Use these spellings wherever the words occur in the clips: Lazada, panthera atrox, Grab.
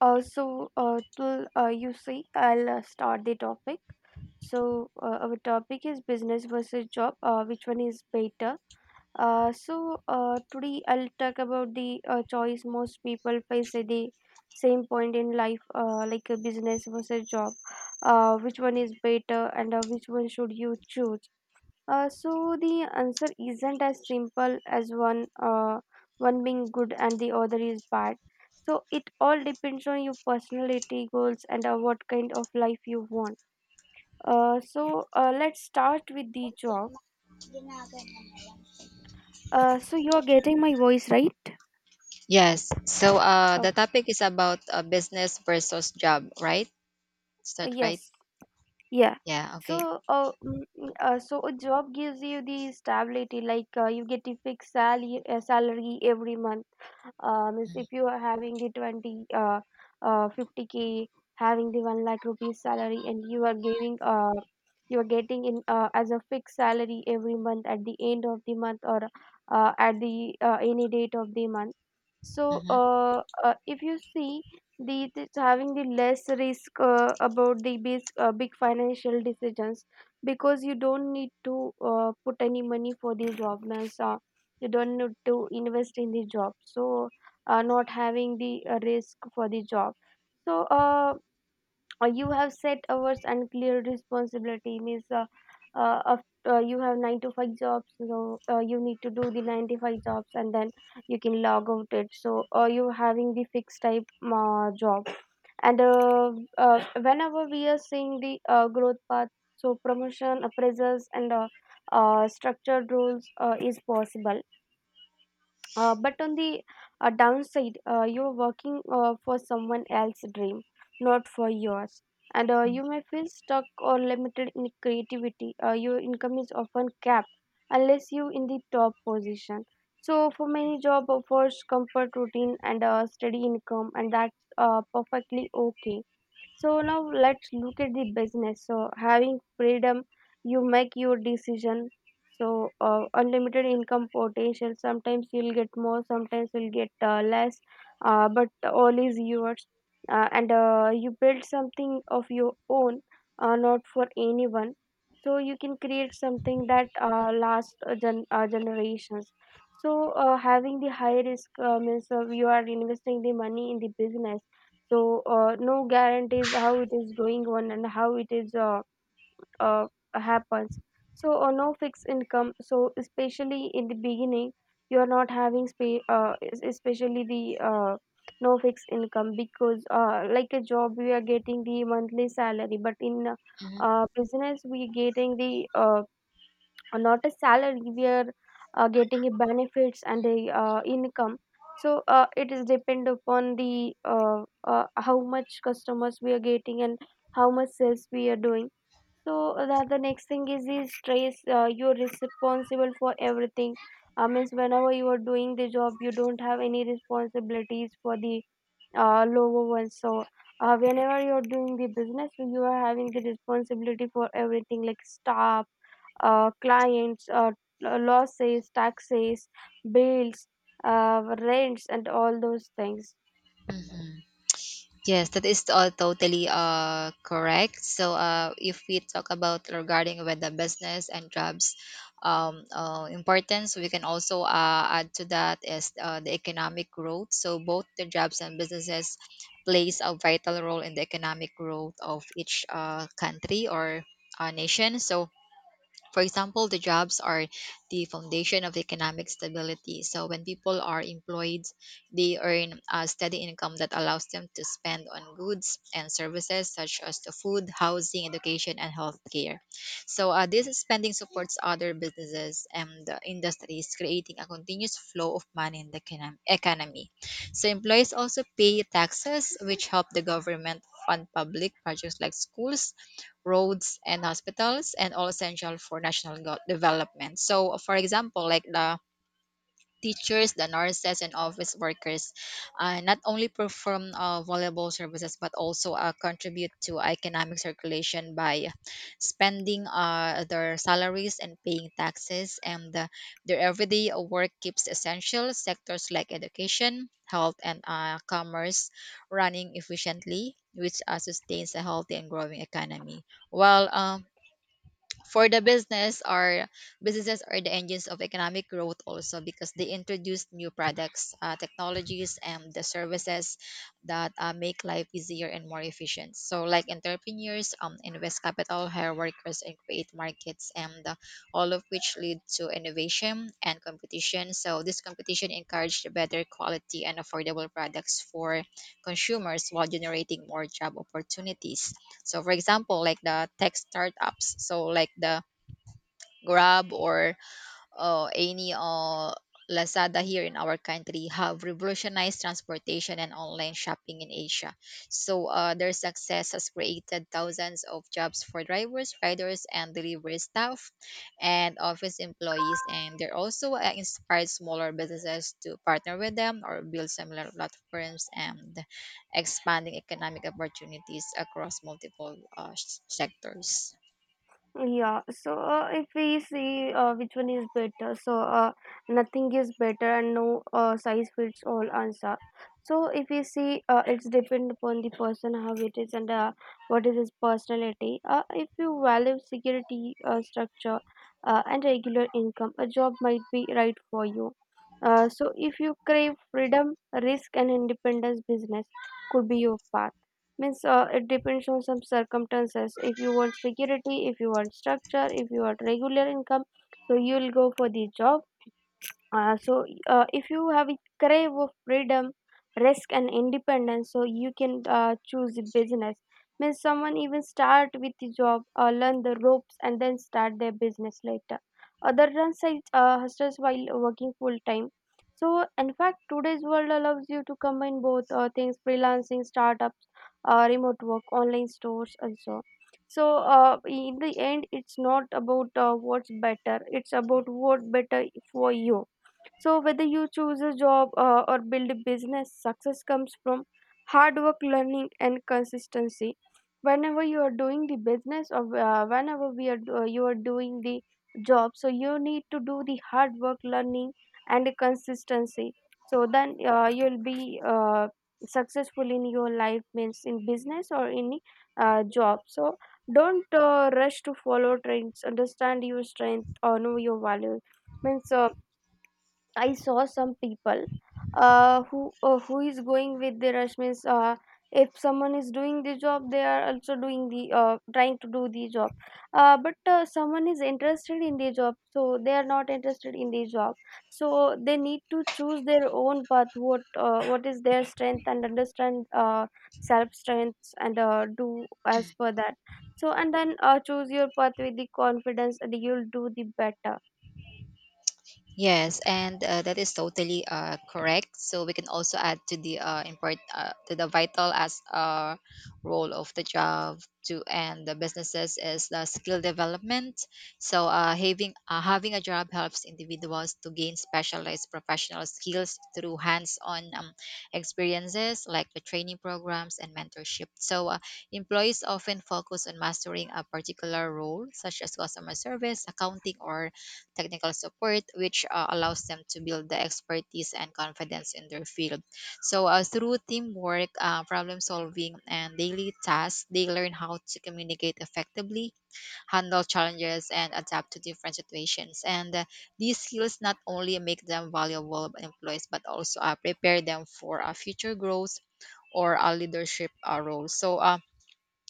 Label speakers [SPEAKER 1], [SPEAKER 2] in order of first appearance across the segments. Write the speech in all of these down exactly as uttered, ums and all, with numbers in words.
[SPEAKER 1] Uh, so, uh, till uh, you see, I'll uh, start the topic. So, uh, our topic is business versus job. Uh, which one is better? Uh, so, uh, today I'll talk about the uh, choice most people face at the same point in life, uh, like a business versus job. Uh, which one is better, and uh, which one should you choose? Uh, so the answer isn't as simple as one uh, one being good and the other is bad. So it all depends on your personality goals and uh, what kind of life you want. Uh, so uh, let's start with the job. Uh, so you are getting my voice right?
[SPEAKER 2] Yes. So uh,
[SPEAKER 1] Uh,
[SPEAKER 2] the topic is about uh, business versus job, right? Is that right?
[SPEAKER 1] yes. Yeah.
[SPEAKER 2] Yeah. Okay.
[SPEAKER 1] So, uh, mm, mm, uh, so a job gives you the stability, like uh, you get a fixed salary, uh, salary every month. Um, means if you are having the twenty, uh, uh, fifty k, having the 1 lakh rupees salary, and you are giving, uh, you are getting in uh, as a fixed salary every month at the end of the month or uh, at the uh, any date of the month. So,
[SPEAKER 2] Mm-hmm.
[SPEAKER 1] uh, uh, if you see, the it is having the less risk uh, about the big, uh, big financial decisions, because you don't need to uh, put any money for the jobs. uh, you don't need to invest in the job, so uh, not having the uh, risk for the job. so uh, uh, you have set hours and clear responsibility, means uh, uh, of- uh, you have nine to five jobs, so uh, you need to do the nine to five jobs and then you can log out it. So uh, you having the fixed type uh, job. And uh, uh, Whenever we are seeing the uh, growth path, so promotion appraisals and uh, uh, structured roles uh, is possible. Uh, but on the uh, downside, uh, you're working uh, for someone else's dream, not for yours. And uh, you may feel stuck or limited in creativity. Uh, your income is often capped unless you in the top position. So for many, job offers comfort, routine and uh, steady income, and that's uh, perfectly okay. So now let's look at the business. So, having freedom, you make your decision. So uh, unlimited income potential. Sometimes you'll get more, sometimes you'll get uh, less, uh, but all is yours. Uh, and uh, You build something of your own, uh, not for anyone. So you can create something that uh, lasts uh, gen- uh, generations. So uh, having the high risk uh, means uh, you are investing the money in the business, so uh, no guarantees how it is going on and how it is uh, uh, happens. So uh, no fixed income, so especially in the beginning you are not having spa- uh, es- especially the uh, no fixed income, because uh, like a job we are getting the monthly salary, but in
[SPEAKER 2] Mm-hmm.
[SPEAKER 1] uh, business we getting the uh, uh, not a salary. We are uh, getting a benefits and a uh, income. So uh, it is depend upon the uh, uh, how much customers we are getting and how much sales we are doing. So uh, the, the next thing is the stress. Uh, you're responsible for everything. Uh, means whenever you are doing the job you don't have any responsibilities for the uh, lower ones. So uh, whenever you're doing the business, you are having the responsibility for everything like staff, uh, clients, uh, losses, taxes, bills, uh, rents, and all those things.
[SPEAKER 2] Yes, that is all totally uh correct. So uh, if we talk about regarding with the business and jobs, um, uh, importance, we can also uh, add to that is uh, the economic growth. So both the jobs and businesses plays a vital role in the economic growth of each uh, country or uh, nation. So for example, the jobs are the foundation of economic stability. So when people are employed, they earn a steady income that allows them to spend on goods and services such as the food, housing, education, and healthcare. So uh, this spending supports other businesses and uh, industries, creating a continuous flow of money in the econom- economy. So employees also pay taxes, which help the government fund public projects like schools, roads, and hospitals, and all essential for national go- development. So, for example, like the teachers, the nurses, and office workers uh, not only perform uh, valuable services but also uh, contribute to economic circulation by spending uh, their salaries and paying taxes. And uh, their everyday work keeps essential sectors like education, health, and uh, commerce running efficiently, which uh, sustains a healthy and growing economy. While um, for the business are Businesses are the engines of economic growth also because they introduce new products, uh, technologies, and the services that uh, make life easier and more efficient. So like entrepreneurs um, invest capital, hire workers, and create markets, and uh, all of which lead to innovation and competition. So this competition encouraged better quality and affordable products for consumers while generating more job opportunities. So for example, like the tech startups, so like the Grab or uh, any or Lazada here in our country have revolutionized transportation and online shopping in Asia. So uh, their success has created thousands of jobs for drivers, riders, and delivery staff, and office employees. And they're also uh, inspired smaller businesses to partner with them or build similar platforms and expanding economic opportunities across multiple uh, s- sectors.
[SPEAKER 1] Yeah, so uh, if we see uh, which one is better, so uh, nothing is better and no uh, size fits all answer. So if we see, uh, it's depend upon the person how it is and uh, what is his personality. Uh, if you value security, uh, structure, uh, and regular income, a job might be right for you. Uh, so if you crave freedom, risk, and independence, business could be your path. Means uh, it depends on some circumstances. If you want security, if you want structure, if you want regular income, so you'll go for the job. Uh, so, uh, if you have a crave of freedom, risk, and independence, so you can uh, choose a business. Means someone even start with the job, uh, learn the ropes, and then start their business later. Other run such uh, hustles while working full time. So, in fact, today's world allows you to combine both uh, things: freelancing, startups, uh, remote work, online stores, also. So, uh, in the end, it's not about uh, what's better; it's about what better for you. So whether you choose a job uh, or build a business, success comes from hard work, learning, and consistency. Whenever you are doing the business or uh, whenever we are do- you are doing the job, so you need to do the hard work, learning, and consistency. So then uh, you'll be uh, successful in your life, means in business or in uh, job. So don't uh, rush to follow trends. Understand your strength or know your value. Means uh, I saw some people uh, who uh, who is going with the rush, means uh, if someone is doing the job, they are also doing the uh, trying to do the job. Uh, but uh, someone is interested in the job, so they are not interested in the job. So they need to choose their own path. What uh, what is their strength and understand uh, self strengths and uh, do as per that. So and then uh, choose your path with the confidence, and you'll do the better.
[SPEAKER 2] Yes, and uh, that is totally uh, correct. So we can also add to the uh, import uh, to the vital as uh, role of the job to and the businesses is the skill development. So uh, having uh, having a job helps individuals to gain specialized professional skills through hands-on um, experiences like the training programs and mentorship. So uh, employees often focus on mastering a particular role such as customer service, accounting, or technical support, which uh, allows them to build the expertise and confidence in their field. So, uh, through teamwork, uh, problem solving, and daily tasks, they learn how to communicate effectively, handle challenges, and adapt to different situations. And uh, these skills not only make them valuable employees, but also uh, prepare them for uh, future growth or a leadership uh, role. So, uh,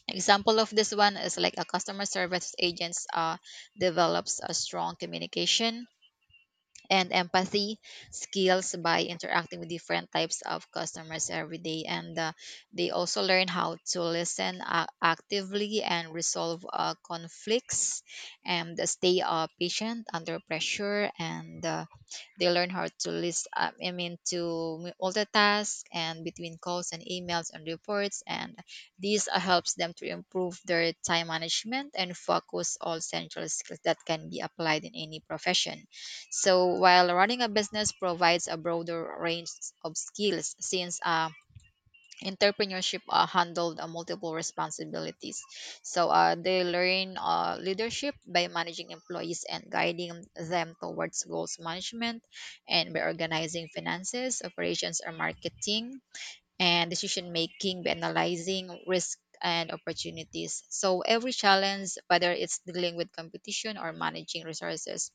[SPEAKER 2] example of this one is like a customer service agents uh, develops a strong communication and empathy skills by interacting with different types of customers every day. And uh, they also learn how to listen uh, actively and resolve uh, conflicts and stay uh, patient under pressure. And uh, they learn how to list um, I mean to multitask and between calls and emails and reports. And this uh, helps them to improve their time management and focus, all central skills that can be applied in any profession. So while running a business provides a broader range of skills, since uh, entrepreneurship uh, handled uh, multiple responsibilities, so uh, they learn uh, leadership by managing employees and guiding them towards goals management, and by organizing finances, operations, or marketing, and decision making by analyzing risk and opportunities. So every challenge, whether it's dealing with competition or managing resources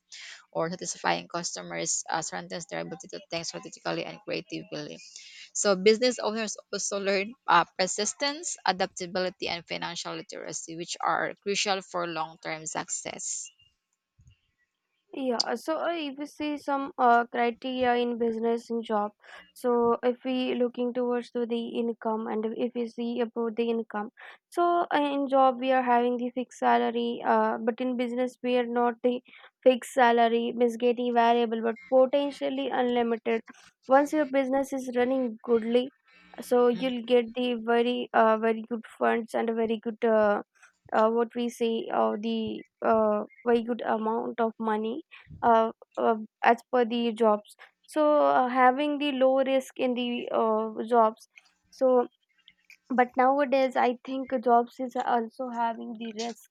[SPEAKER 2] or satisfying customers, uh, strengthens their ability to think strategically and creatively. So business owners also learn uh, persistence, adaptability, and financial literacy, which are crucial for long-term success.
[SPEAKER 1] Yeah, uh, so uh, if we see some uh, criteria in business and job, so if we looking towards to the income and if we see about the income, so uh, in job we are having the fixed salary, uh, but in business we are not the fixed salary, means getting variable, but potentially unlimited. Once your business is running goodly, so you'll get the very uh, very good funds and a very good uh, uh, what we say uh, the uh, very good amount of money, uh, uh, as per the jobs. So uh, having the low risk in the uh, jobs. So but nowadays I think jobs is also having the risk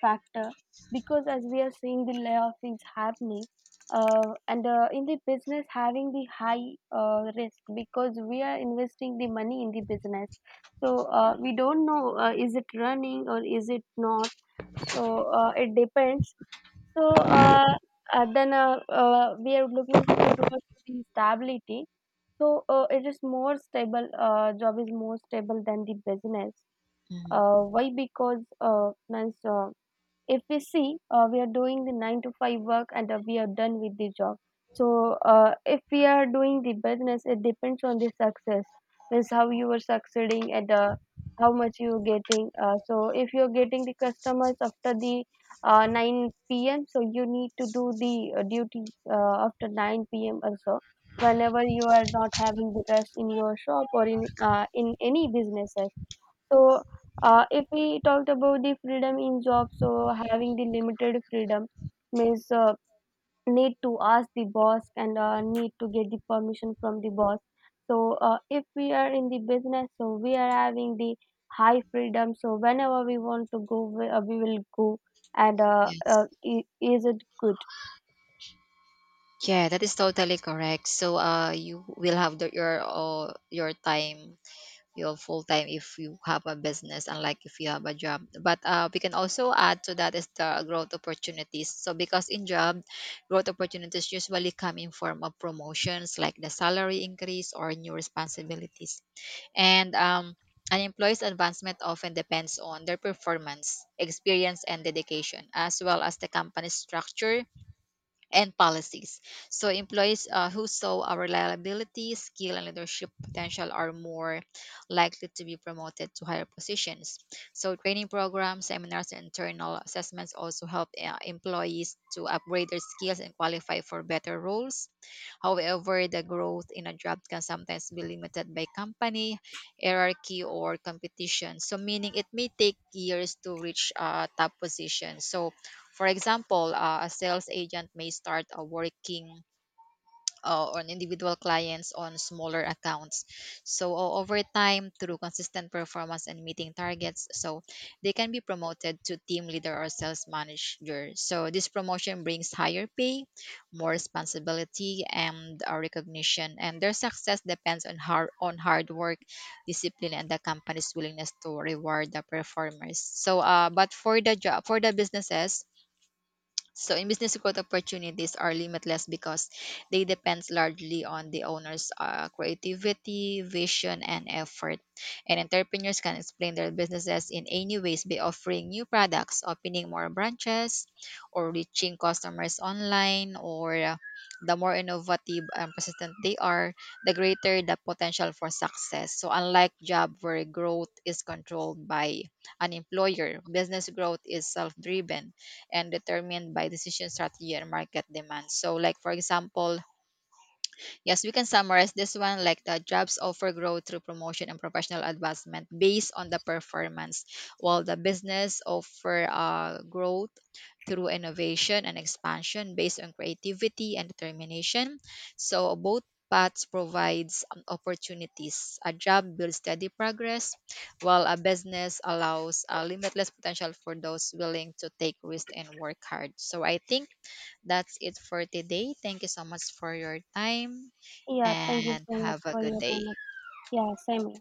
[SPEAKER 1] factor, because as we are seeing the layoff is happening. Uh, and uh, In the business, having the high uh, risk because we are investing the money in the business. So uh, we don't know uh, is it running or is it not, so uh, it depends. So, uh, uh, then uh, uh, We are looking to towards the stability. So, uh, it is more stable, uh, job is more stable than the business.
[SPEAKER 2] Mhm.
[SPEAKER 1] Uh, why? Because, uh, means, uh, if we see uh, we are doing the nine to five work and uh, we are done with the job. So uh, if we are doing the business, it depends on the success, means how you are succeeding and uh, how much you are getting. Uh, so if you are getting the customers after the uh, nine p m, so you need to do the uh, duties uh, after nine p m also, whenever you are not having the rest in your shop or in uh, in any businesses. So, uh, if we talked about the freedom in job, so having the limited freedom, means uh, need to ask the boss and uh, need to get the permission from the boss. So, uh, if we are in the business, so we are having the high freedom. So, whenever we want to go, we, uh, we will go. And uh, uh,
[SPEAKER 2] Yes.
[SPEAKER 1] i- is it good?
[SPEAKER 2] Yeah, that is totally correct. So uh, you will have the, your uh, your time, your full time if you have a business, unlike if you have a job. But uh, we can also add to that is the growth opportunities. So because in job, growth opportunities usually come in form of promotions like the salary increase or new responsibilities. And um, an employee's advancement often depends on their performance, experience, and dedication, as well as the company's structure and policies. So employees uh, who saw our reliability, skill, and leadership potential are more likely to be promoted to higher positions. So training programs, seminars, and internal assessments also help uh, employees to upgrade their skills and qualify for better roles. However, the growth in a job can sometimes be limited by company hierarchy or competition. So meaning it may take years to reach a top position. So for example, uh, a sales agent may start uh, working uh, on individual clients on smaller accounts. So o- over time, through consistent performance and meeting targets, so they can be promoted to team leader or sales manager. So this promotion brings higher pay, more responsibility, and uh, recognition. And their success depends on hard on hard work, discipline, and the company's willingness to reward the performers. So, uh, but for the job for the businesses, so in business growth opportunities are limitless because they depend largely on the owner's uh, creativity, vision, and effort. And entrepreneurs can explain their businesses in any ways by offering new products, opening more branches, or reaching customers online, or uh, the more innovative and persistent they are, the greater the potential for success. So unlike job where growth is controlled by an employer, business growth is self-driven and determined by decision strategy and market demand. So, like for example, yes, we can summarize this one like the jobs offer growth through promotion and professional advancement based on the performance, while the business offer uh, growth through innovation and expansion based on creativity and determination. So both paths provides um, opportunities. A job builds steady progress, while a business allows a limitless potential for those willing to take risk and work hard. So I think that's it for today. Thank you so much for your time
[SPEAKER 1] Yeah, thank you
[SPEAKER 2] and
[SPEAKER 1] so much
[SPEAKER 2] have a
[SPEAKER 1] for
[SPEAKER 2] good
[SPEAKER 1] your
[SPEAKER 2] day.
[SPEAKER 1] time. Yeah, same here.